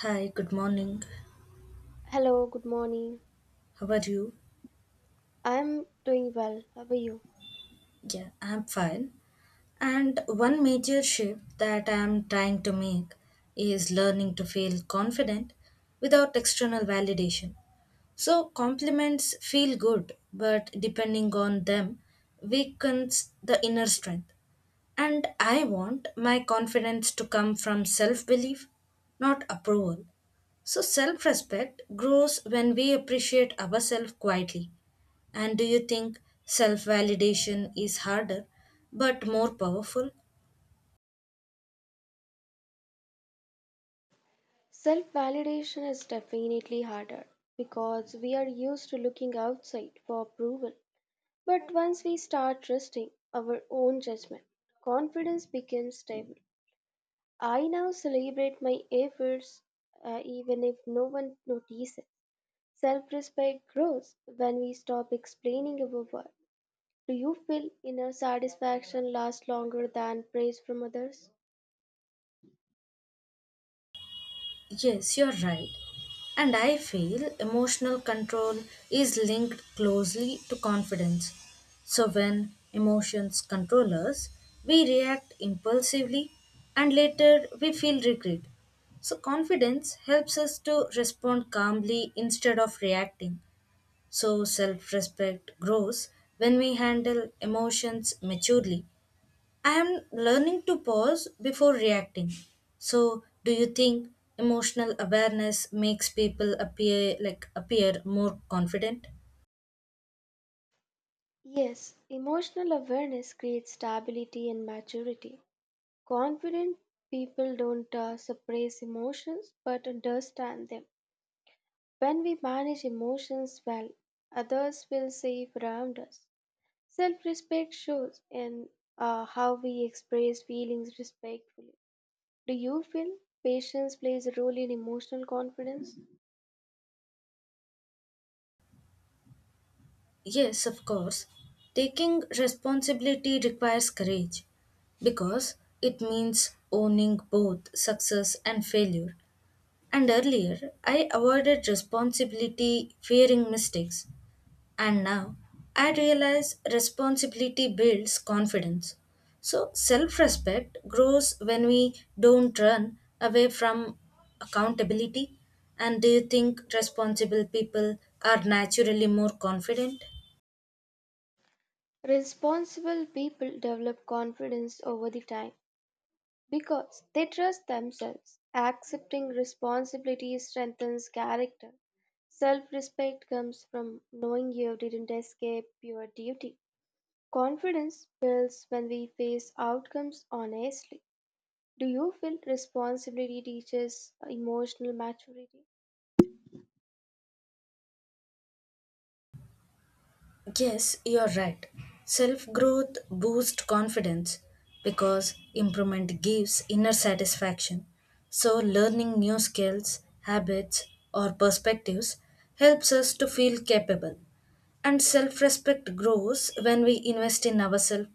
Hi, good morning. Hello, good morning. How are you? I'm doing well. How are you? Yeah, I'm fine. And one major shift that I'm trying to make is learning to feel confident without external validation. So compliments feel good, but depending on them weakens the inner strength. And I want my confidence to come from self belief, not approval. So self respect grows when we appreciate ourselves quietly. And do you think self validation is harder but more powerful? Self validation is definitely harder because we are used to looking outside for approval. But once we start trusting our own judgment, confidence becomes stable. I now celebrate my efforts even if no one notices. Self respect grows when we stop explaining our work. Do you feel inner satisfaction lasts longer than praise from others? Yes, you're right. And I feel emotional control is linked closely to confidence. So when emotions control us, we react impulsively and later we feel regret. So confidence helps us to respond calmly instead of reacting. So self respect grows when we handle emotions maturely. I am learning to pause before reacting. So, do you think emotional awareness makes people appear more confident? Yes, emotional awareness creates stability and maturity. Confident people don't suppress emotions but understand them. When we manage emotions well, others feel safe around us. Self respect shows in how we express feelings respectfully. Do you feel patience plays a role in emotional confidence? Yes, of course. Taking responsibility requires courage because it means owning both success and failure. And earlier, I avoided responsibility fearing mistakes. And now I realize responsibility builds confidence. So self respect grows when we don't run away from accountability. And do you think responsible people are naturally more confident? Responsible people develop confidence over the time. Because they trust themselves, accepting responsibility strengthens character. Self respect comes from knowing you didn't escape your duty. Confidence builds when we face outcomes honestly. Do you feel responsibility teaches emotional maturity? Yes, you're right. Self growth boosts confidence because improvement gives inner satisfaction. So, learning new skills, habits, or perspectives helps us to feel capable. And self respect grows when we invest in ourselves.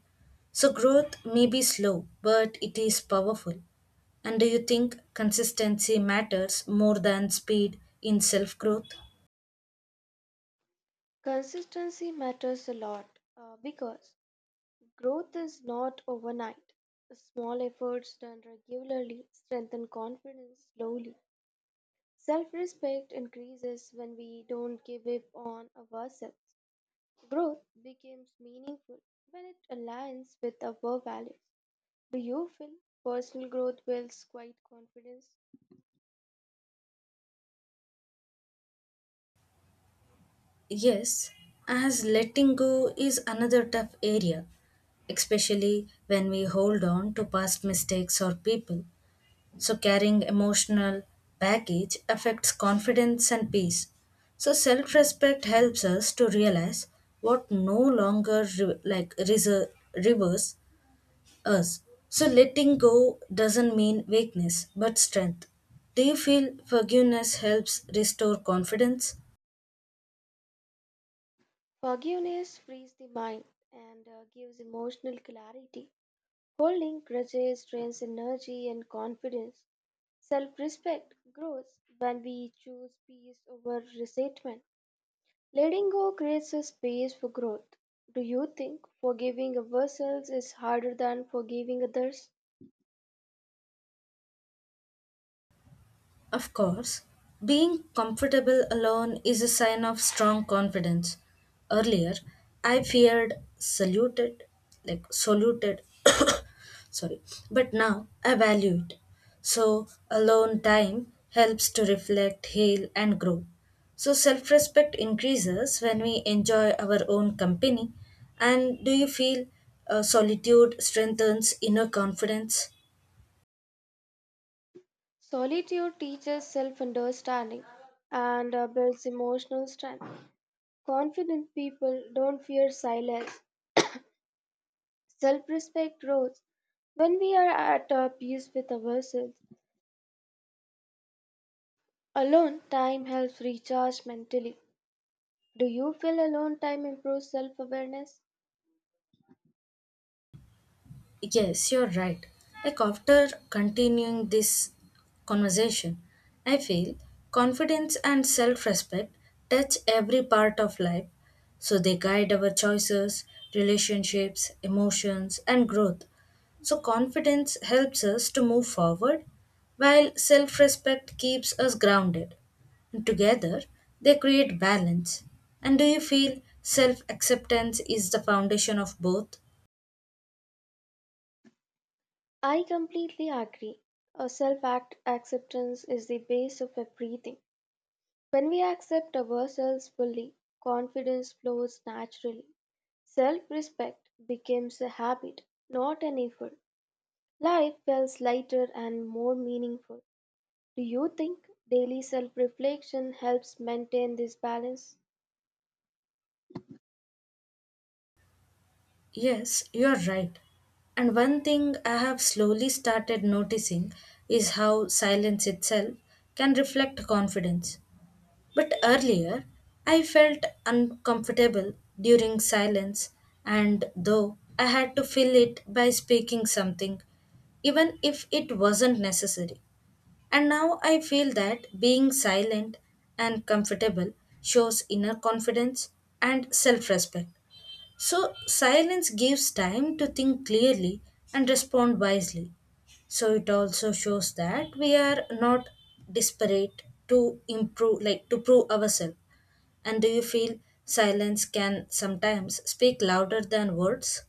So, growth may be slow, but it is powerful. And do you think consistency matters more than speed in self growth? Consistency matters a lot because growth is not overnight. Small efforts done regularly strengthen confidence slowly. Self respect increases when we don't give up on ourselves. Growth becomes meaningful when it aligns with our values. Do you feel personal growth builds quiet confidence? Yes, as letting go is another tough area, especially when we hold on to past mistakes or people. So, carrying emotional baggage affects confidence and peace. So, self respect helps us to realize what no longer reverse us. So, letting go doesn't mean weakness but strength. Do you feel forgiveness helps restore confidence? Forgiveness frees the mind and gives emotional clarity. Holding grudges drains energy and confidence. Self respect grows when we choose peace over resentment. Letting go creates a space for growth. Do you think forgiving ourselves is harder than forgiving others? Of course, being comfortable alone is a sign of strong confidence. Earlier, I feared saluted, like saluted, sorry, but now I value it. So, alone time helps to reflect, heal, and grow. So, self respect increases when we enjoy our own company. And do you feel solitude strengthens inner confidence? Solitude teaches self understanding and builds emotional strength. Confident people don't fear silence. Self respect grows when we are at peace with ourselves. Alone time helps recharge mentally. Do you feel alone time improves self awareness? Yes, you're right. Like after continuing this conversation, I feel confidence and self respect touch every part of life. So they guide our choices, relationships, emotions, and growth. So confidence helps us to move forward, while self respect keeps us grounded. And together, they create balance. And do you feel self acceptance is the foundation of both? I completely agree. Self acceptance is the base of everything. When we accept ourselves fully, confidence flows naturally. Self respect becomes a habit, not an effort. Life feels lighter and more meaningful. Do you think daily self reflection helps maintain this balance? Yes, you're right. And one thing I have slowly started noticing is how silence itself can reflect confidence. But earlier, I felt uncomfortable during silence, and though I had to fill it by speaking something, even if it wasn't necessary. And now I feel that being silent and comfortable shows inner confidence and self respect. So, silence gives time to think clearly and respond wisely. So, it also shows that we are not desperate to improve, like to prove ourselves. And do you feel silence can sometimes speak louder than words?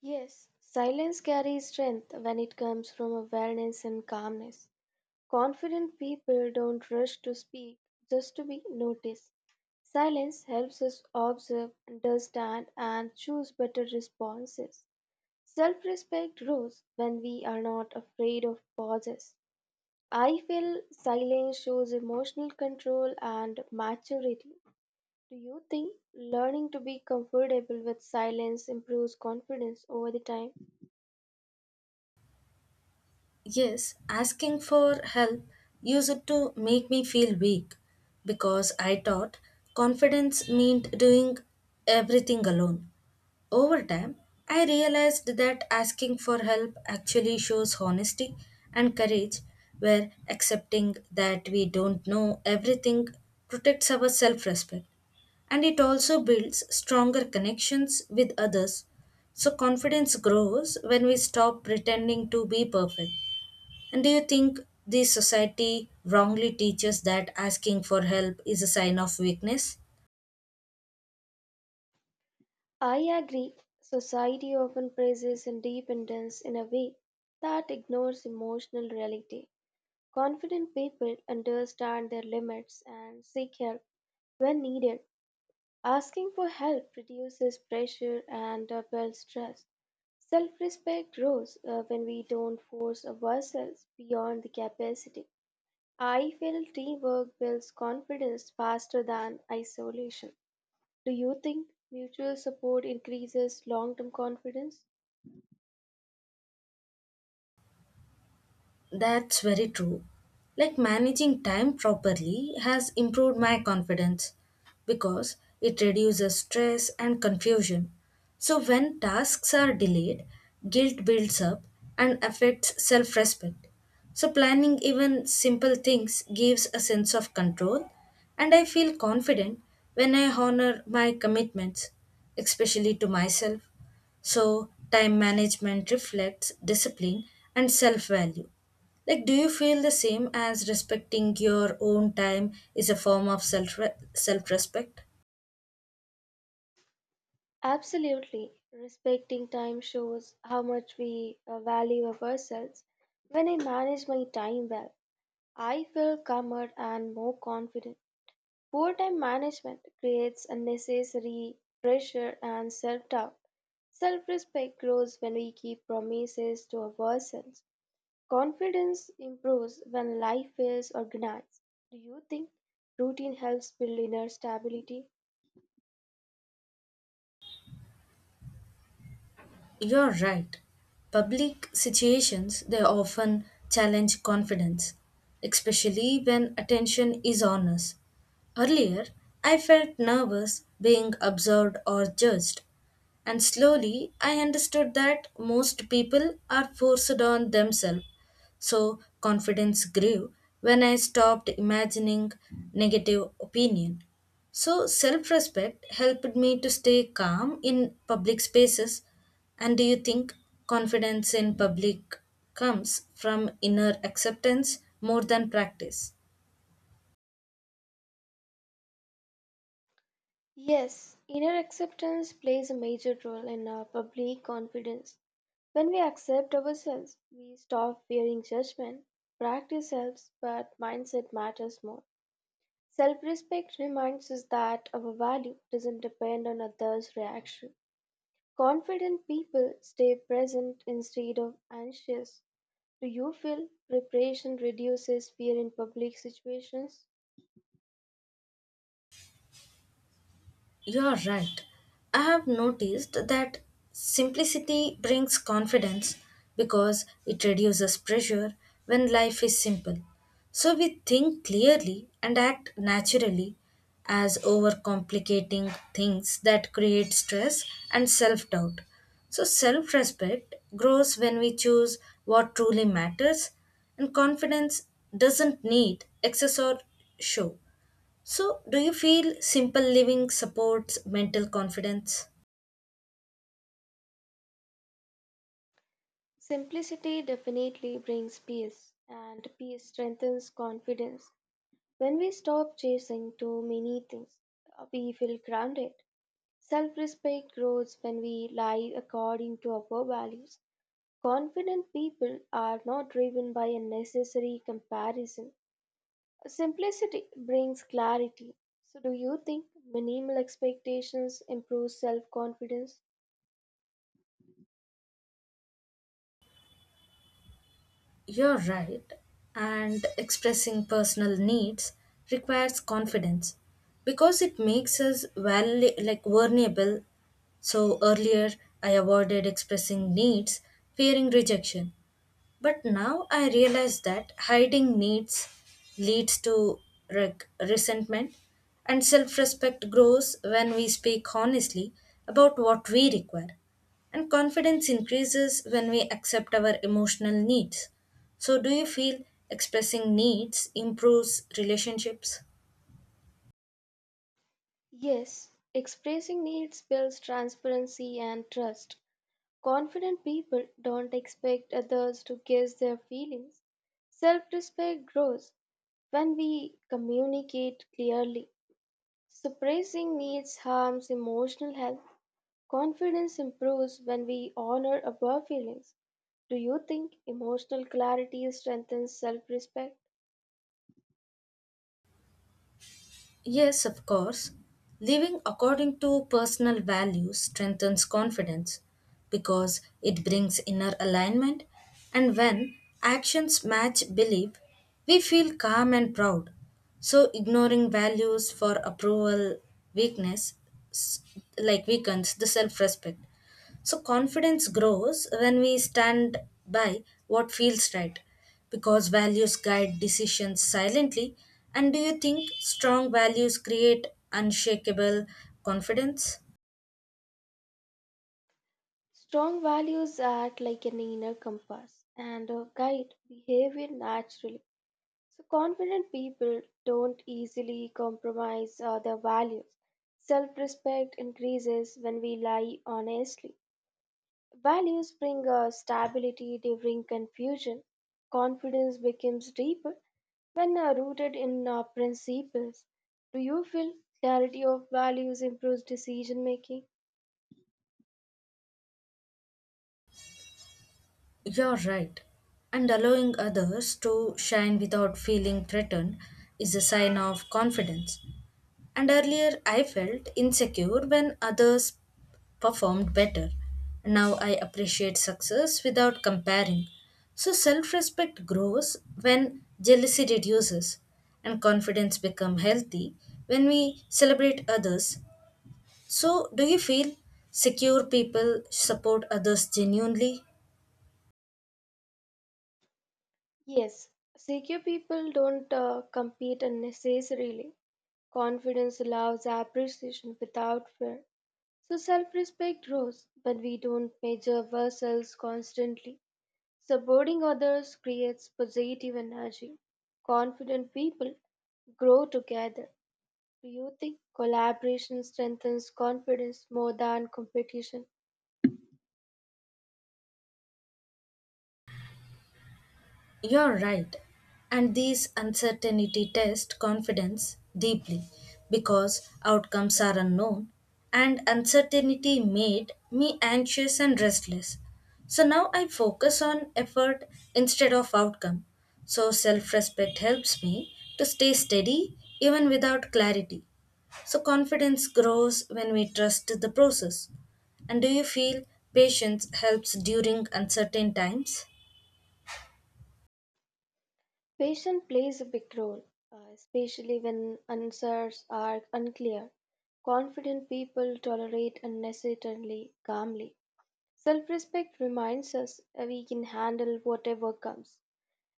Yes, silence carries strength when it comes from awareness and calmness. Confident people don't rush to speak just to be noticed. Silence helps us observe, understand, and choose better responses. Self respect grows when we are not afraid of pauses. I feel silence shows emotional control and maturity. Do you think learning to be comfortable with silence improves confidence over the time? Yes, asking for help used to make me feel weak because I thought confidence meant doing everything alone. Over time, I realized that asking for help actually shows honesty and courage, where accepting that we don't know everything protects our self respect. And it also builds stronger connections with others. So, confidence grows when we stop pretending to be perfect. And do you think the society wrongly teaches that asking for help is a sign of weakness? I agree. Society often praises independence in a way that ignores emotional reality. Confident people understand their limits and seek help when needed. Asking for help reduces pressure and builds trust. Self respect grows when we don't force ourselves beyond the capacity. I feel teamwork builds confidence faster than isolation. Do you think mutual support increases long term confidence? That's very true. Like managing time properly has improved my confidence because it reduces stress and confusion. So, when tasks are delayed, guilt builds up and affects self respect. So, planning even simple things gives a sense of control, and I feel confident when I honor my commitments, especially to myself. So, time management reflects discipline and self value. Like, do you feel the same as respecting your own time is a form of self respect? Absolutely. Respecting time shows how much we value of ourselves. When I manage my time well, I feel calmer and more confident. Poor time management creates unnecessary pressure and self doubt. Self respect grows when we keep promises to ourselves. Confidence improves when life is organized. Do you think routine helps build inner stability? You're right. Public situations, they often challenge confidence, especially when attention is on us. Earlier, I felt nervous being observed or judged, and slowly I understood that most people are forced on themselves. So confidence grew when I stopped imagining negative opinion. So self respect helped me to stay calm in public spaces. And do you think confidence in public comes from inner acceptance more than practice? Yes, inner acceptance plays a major role in our public confidence. When we accept ourselves, we stop fearing judgment. Practice helps, but mindset matters more. Self respect reminds us that our value doesn't depend on others' reaction. Confident people stay present instead of anxious. Do you feel preparation reduces fear in public situations? You're right. I have noticed that simplicity brings confidence because it reduces pressure when life is simple. So we think clearly and act naturally, as overcomplicating things that create stress and self doubt. So self respect grows when we choose what truly matters, and confidence doesn't need excess or show. So, do you feel simple living supports mental confidence? Simplicity definitely brings peace, and peace strengthens confidence. When we stop chasing too many things, we feel grounded. Self respect grows when we live according to our values. Confident people are not driven by unnecessary comparison. Simplicity brings clarity. So, do you think minimal expectations improve self confidence? You're right. And expressing personal needs requires confidence because it makes us vulnerable. So, earlier I avoided expressing needs, fearing rejection. But now I realize that hiding needs leads to resentment, and self respect grows when we speak honestly about what we require. And confidence increases when we accept our emotional needs. So, do you feel expressing needs improves relationships? Yes, expressing needs builds transparency and trust. Confident people don't expect others to guess their feelings. Self respect grows when we communicate clearly. Suppressing needs harms emotional health. Confidence improves when we honor our feelings. Do you think emotional clarity strengthens self respect? Yes, of course. Living according to personal values strengthens confidence because it brings inner alignment, and when actions match belief, we feel calm and proud. So, ignoring values for approval, weakness, s- weakens the self respect. So confidence grows when we stand by what feels right because values guide decisions silently. And do you think strong values create unshakable confidence? Strong values act like an inner compass and guide behavior naturally. So, confident people don't easily compromise their values. Self respect increases when we lie honestly. Values bring stability during confusion. Confidence becomes deeper when rooted in principles. Do you feel clarity of values improves decision making? You're right. And allowing others to shine without feeling threatened is a sign of confidence. And earlier, I felt insecure when others performed better. Now I appreciate success without comparing. So self respect grows when jealousy reduces, and confidence becomes healthy when we celebrate others. So, do you feel secure people support others genuinely? Yes, secure people don't compete unnecessarily. Confidence allows appreciation without fear. So self respect grows when we don't measure ourselves constantly. Supporting others creates positive energy. Confident people grow together. Do you think collaboration strengthens confidence more than competition? You're right. And these uncertainty test confidence deeply because outcomes are unknown and uncertainty made me anxious and restless. So now I focus on effort instead of outcome. So self respect helps me to stay steady even without clarity. So confidence grows when we trust the process. And do you feel patience helps during uncertain times? Patience plays a big role, especially when answers are unclear. Confident people tolerate unnecessarily calmly. Self respect reminds us that we can handle whatever comes.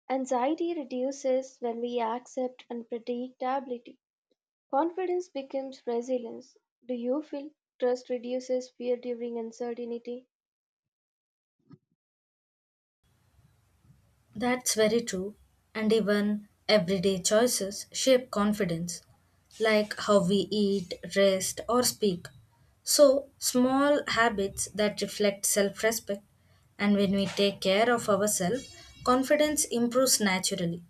Anxiety reduces when we accept unpredictability. Confidence becomes resilience. Do you feel trust reduces fear during uncertainty? That's very true. And even everyday choices shape confidence, like how we eat, rest, or speak. So, small habits that reflect self respect, and when we take care of ourselves, confidence improves naturally,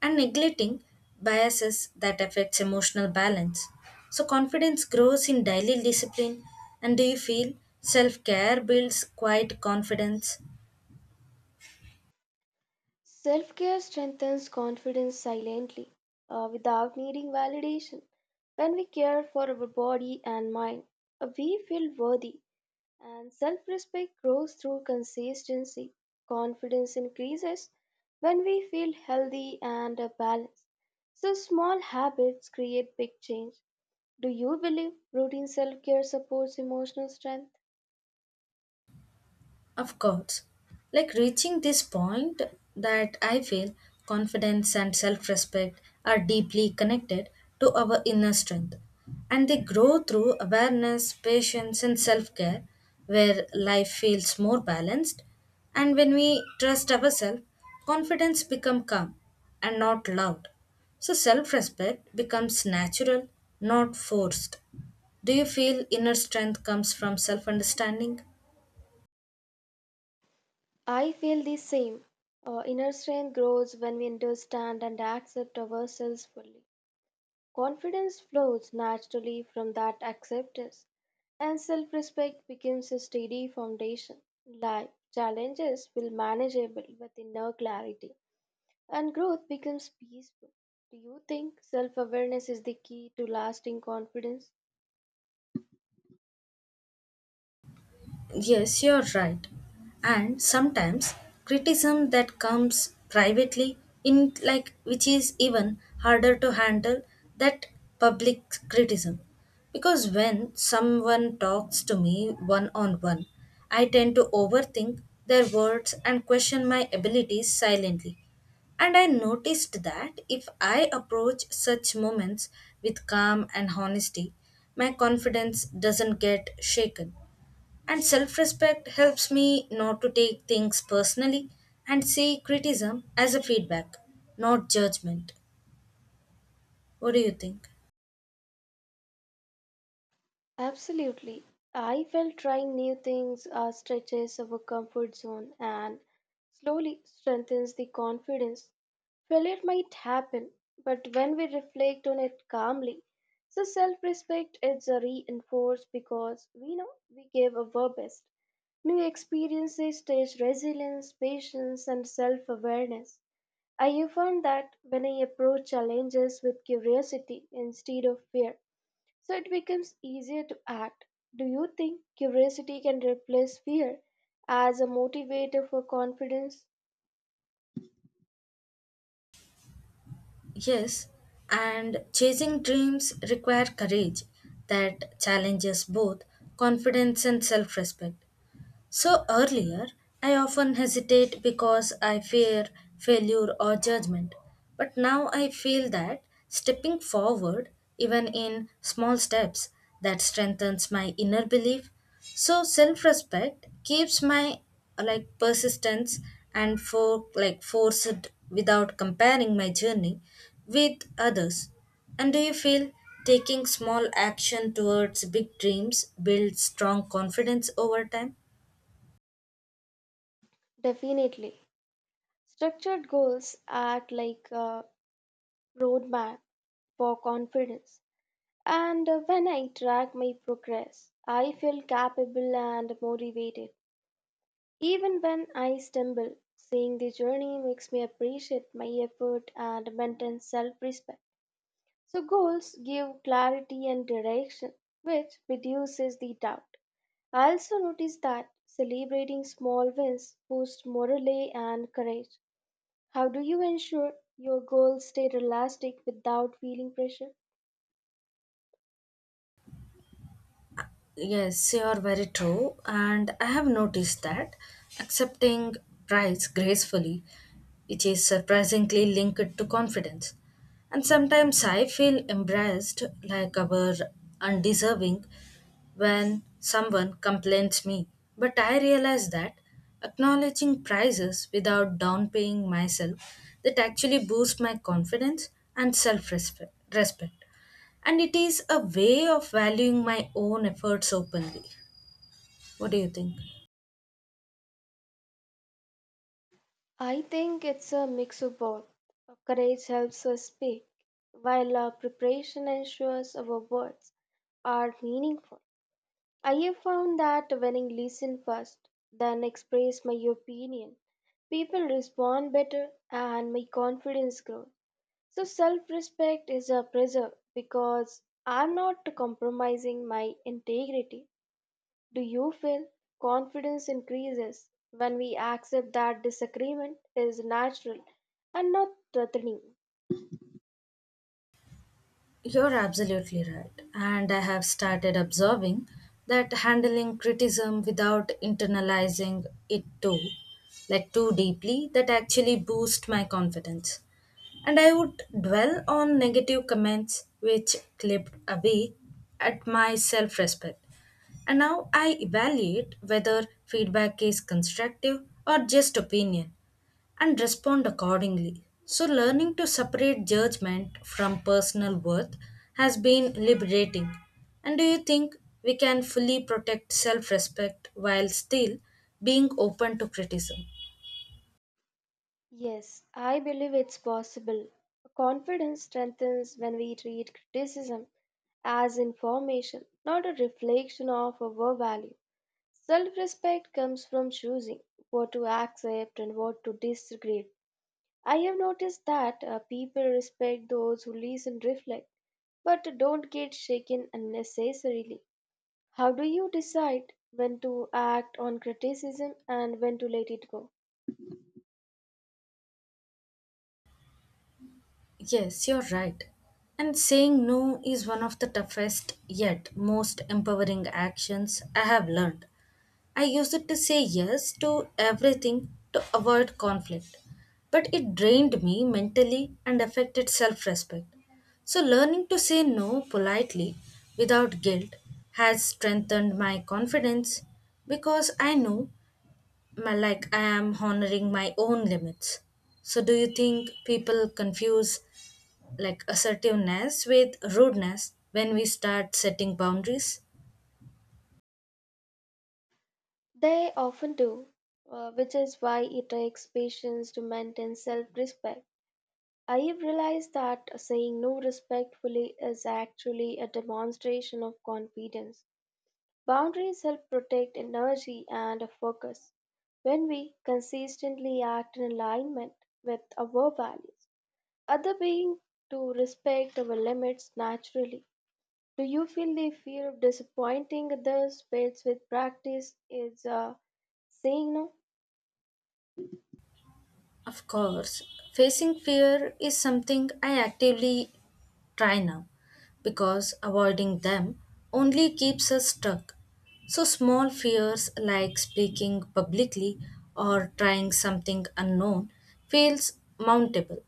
and neglecting biases that affects emotional balance. So, confidence grows in daily discipline. And do you feel self care builds quiet confidence? Self care strengthens confidence silently, without needing validation. When we care for our body and mind, we feel worthy. And self respect grows through consistency. Confidence increases when we feel healthy and balanced. So, small habits create big change. Do you believe routine self care supports emotional strength? Of course. Like reaching this point, that I feel confidence and self respect are deeply connected to our inner strength. And they grow through awareness, patience, and self care, where life feels more balanced. And when we trust ourselves, confidence becomes calm and not loud. So self respect becomes natural, not forced. Do you feel inner strength comes from self understanding? I feel the same. Inner strength grows when we understand and accept ourselves fully. Confidence flows naturally from that acceptance. And self respect becomes a steady foundation. Life challenges will manageable with inner clarity, and growth becomes peaceful. Do you think self awareness is the key to lasting confidence? Yes, you're right. And sometimes criticism that comes privately in like which is even harder to handle that public criticism. Because when someone talks to me one on one, I tend to overthink their words and question my abilities silently. And I noticed that if I approach such moments with calm and honesty, my confidence doesn't get shaken and self respect helps me not to take things personally and see criticism as a feedback, not judgment. What do you think? Absolutely. I felt trying new things stretches our comfort zone and slowly strengthens the confidence. Failure might happen, but when we reflect on it calmly, so self respect is reinforced because we know we gave our best. New experiences teach resilience, patience, and self awareness. I have found that when I approach challenges with curiosity instead of fear, so it becomes easier to act. Do you think curiosity can replace fear as a motivator for confidence? Yes, and chasing dreams require courage that challenges both confidence and self respect. So earlier, I often hesitate because I fear failure or judgment. But now I feel that stepping forward, even in small steps, that strengthens my inner belief. So self-respect keeps my persistence and forced without comparing my journey with others. And do you feel taking small action towards big dreams builds strong confidence over time? Definitely. Structured goals act like a roadmap for confidence. And when I track my progress, I feel capable and motivated. Even when I stumble, seeing the journey makes me appreciate my effort and maintain self respect. So, goals give clarity and direction, which reduces the doubt. I also noticed that celebrating small wins boosts morale and courage. How do you ensure your goals stay realistic without feeling pressure? Yes, you are very true. And I have noticed that accepting price gracefully, which is surprisingly linked to confidence. And sometimes I feel embarrassed, like our undeserving, when someone complains me. But I realize that acknowledging prizes without downpaying myself that actually boosts my confidence and self-respect. Respect. And it is a way of valuing my own efforts openly. What do you think? I think it's a mix of both. Courage helps us speak, while our preparation ensures our words are meaningful. I have found that when I listen first, then express my opinion, people respond better and my confidence grows. So self respect is a preserve because I'm not compromising my integrity. Do you feel confidence increases when we accept that disagreement is natural and not threatening? You're absolutely right. And I have started observing that handling criticism without internalizing it too deeply, that actually boosts my confidence. And I would dwell on negative comments which clipped away at my self respect. And now I evaluate whether feedback is constructive or just opinion and respond accordingly. So, learning to separate judgment from personal worth has been liberating. And do you think we can fully protect self respect while still being open to criticism? Yes, I believe it's possible. Confidence strengthens when we treat criticism as information, not a reflection of our value. Self respect comes from choosing what to accept and what to disagree. I have noticed that people respect those who listen, reflect, but don't get shaken unnecessarily. How do you decide when to act on criticism and when to let it go? Yes, you're right. And saying no is one of the toughest yet most empowering actions I have learned. I used it to say yes to everything to avoid conflict, but it drained me mentally and affected self respect. So, learning to say no politely without guilt has strengthened my confidence because I know my, like I am honoring my own limits. So, do you think people confuse assertiveness with rudeness when we start setting boundaries? They often do, which is why it takes patience to maintain self respect. I've realized that saying no respectfully is actually a demonstration of confidence. Boundaries help protect energy and focus. When we consistently act in alignment with our values, other beings to respect our limits naturally. Do you feel the fear of disappointing others fades with practice? Is saying no? Of course, facing fear is something I actively try now because avoiding them only keeps us stuck. So, small fears like speaking publicly or trying something unknown feels mountable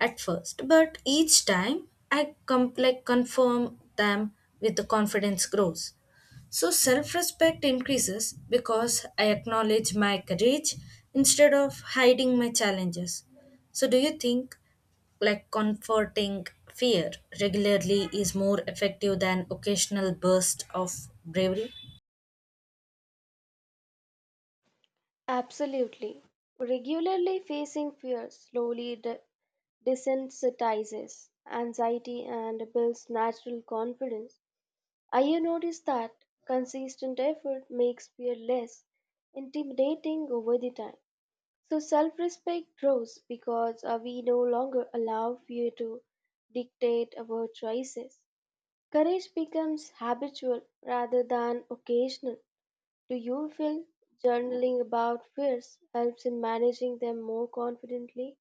at first, but each time I confirm them with the confidence grows. So self respect increases because I acknowledge my courage instead of hiding my challenges. So, do you think comforting fear regularly is more effective than occasional burst of bravery? Absolutely. Regularly facing fear slowly desensitizes anxiety and builds natural confidence. I have noticed that consistent effort makes fear less intimidating over the time. So self respect grows because we no longer allow fear to dictate our choices. Courage becomes habitual rather than occasional. Do you feel journaling about fears helps in managing them more confidently?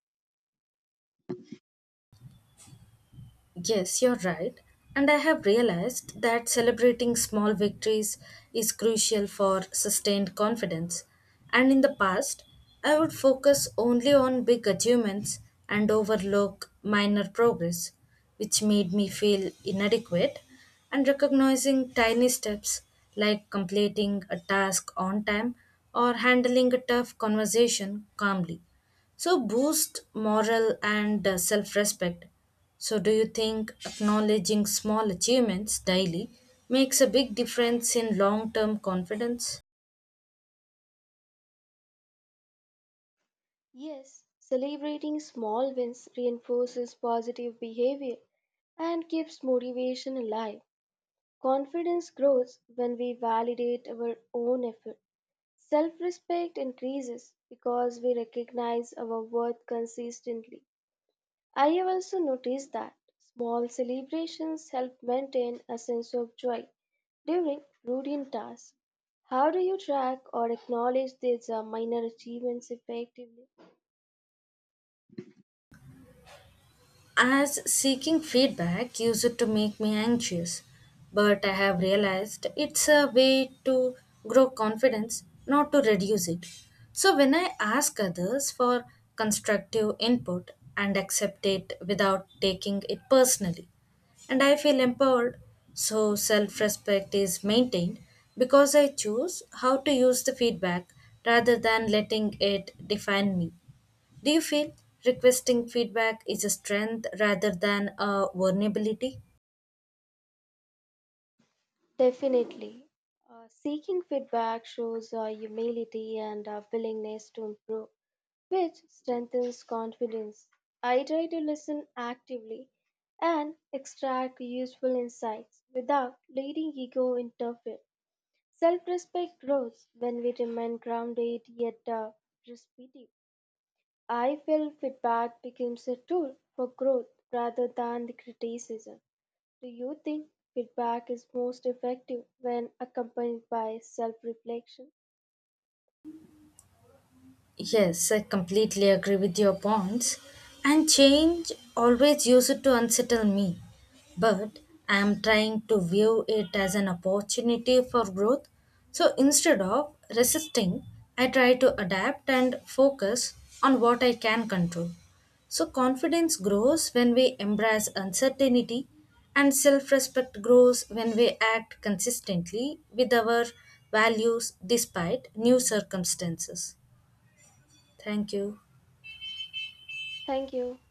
Yes, you're right. And I have realized that celebrating small victories is crucial for sustained confidence. And in the past, I would focus only on big achievements and overlook minor progress, which made me feel inadequate. And recognizing tiny steps like completing a task on time or handling a tough conversation calmly, so boost moral and self respect. So, do you think acknowledging small achievements daily makes a big difference in long term confidence? Yes, celebrating small wins reinforces positive behavior and keeps motivation alive. Confidence grows when we validate our own effort. Self respect increases because we recognize our worth consistently. I have also noticed that small celebrations help maintain a sense of joy during routine tasks. How do you track or acknowledge these minor achievements effectively? As seeking feedback used to make me anxious, but I have realized it's a way to grow confidence, not to reduce it. So when I ask others for constructive input and accept it without taking it personally, and I feel empowered, so self respect is maintained because I choose how to use the feedback rather than letting it define me. Do you feel requesting feedback is a strength rather than a vulnerability? Definitely. Seeking feedback shows humility and willingness to improve, which strengthens confidence. I try to listen actively and extract useful insights without letting ego interfere. Self respect grows when we remain grounded yet perceptive. I feel feedback becomes a tool for growth rather than the criticism. Do you think feedback is most effective when accompanied by self reflection? Yes, I completely agree with your points. And change always used to unsettle me. But I am trying to view it as an opportunity for growth. So instead of resisting, I try to adapt and focus on what I can control. So confidence grows when we embrace uncertainty and self-respect grows when we act consistently with our values despite new circumstances. Thank you. Thank you.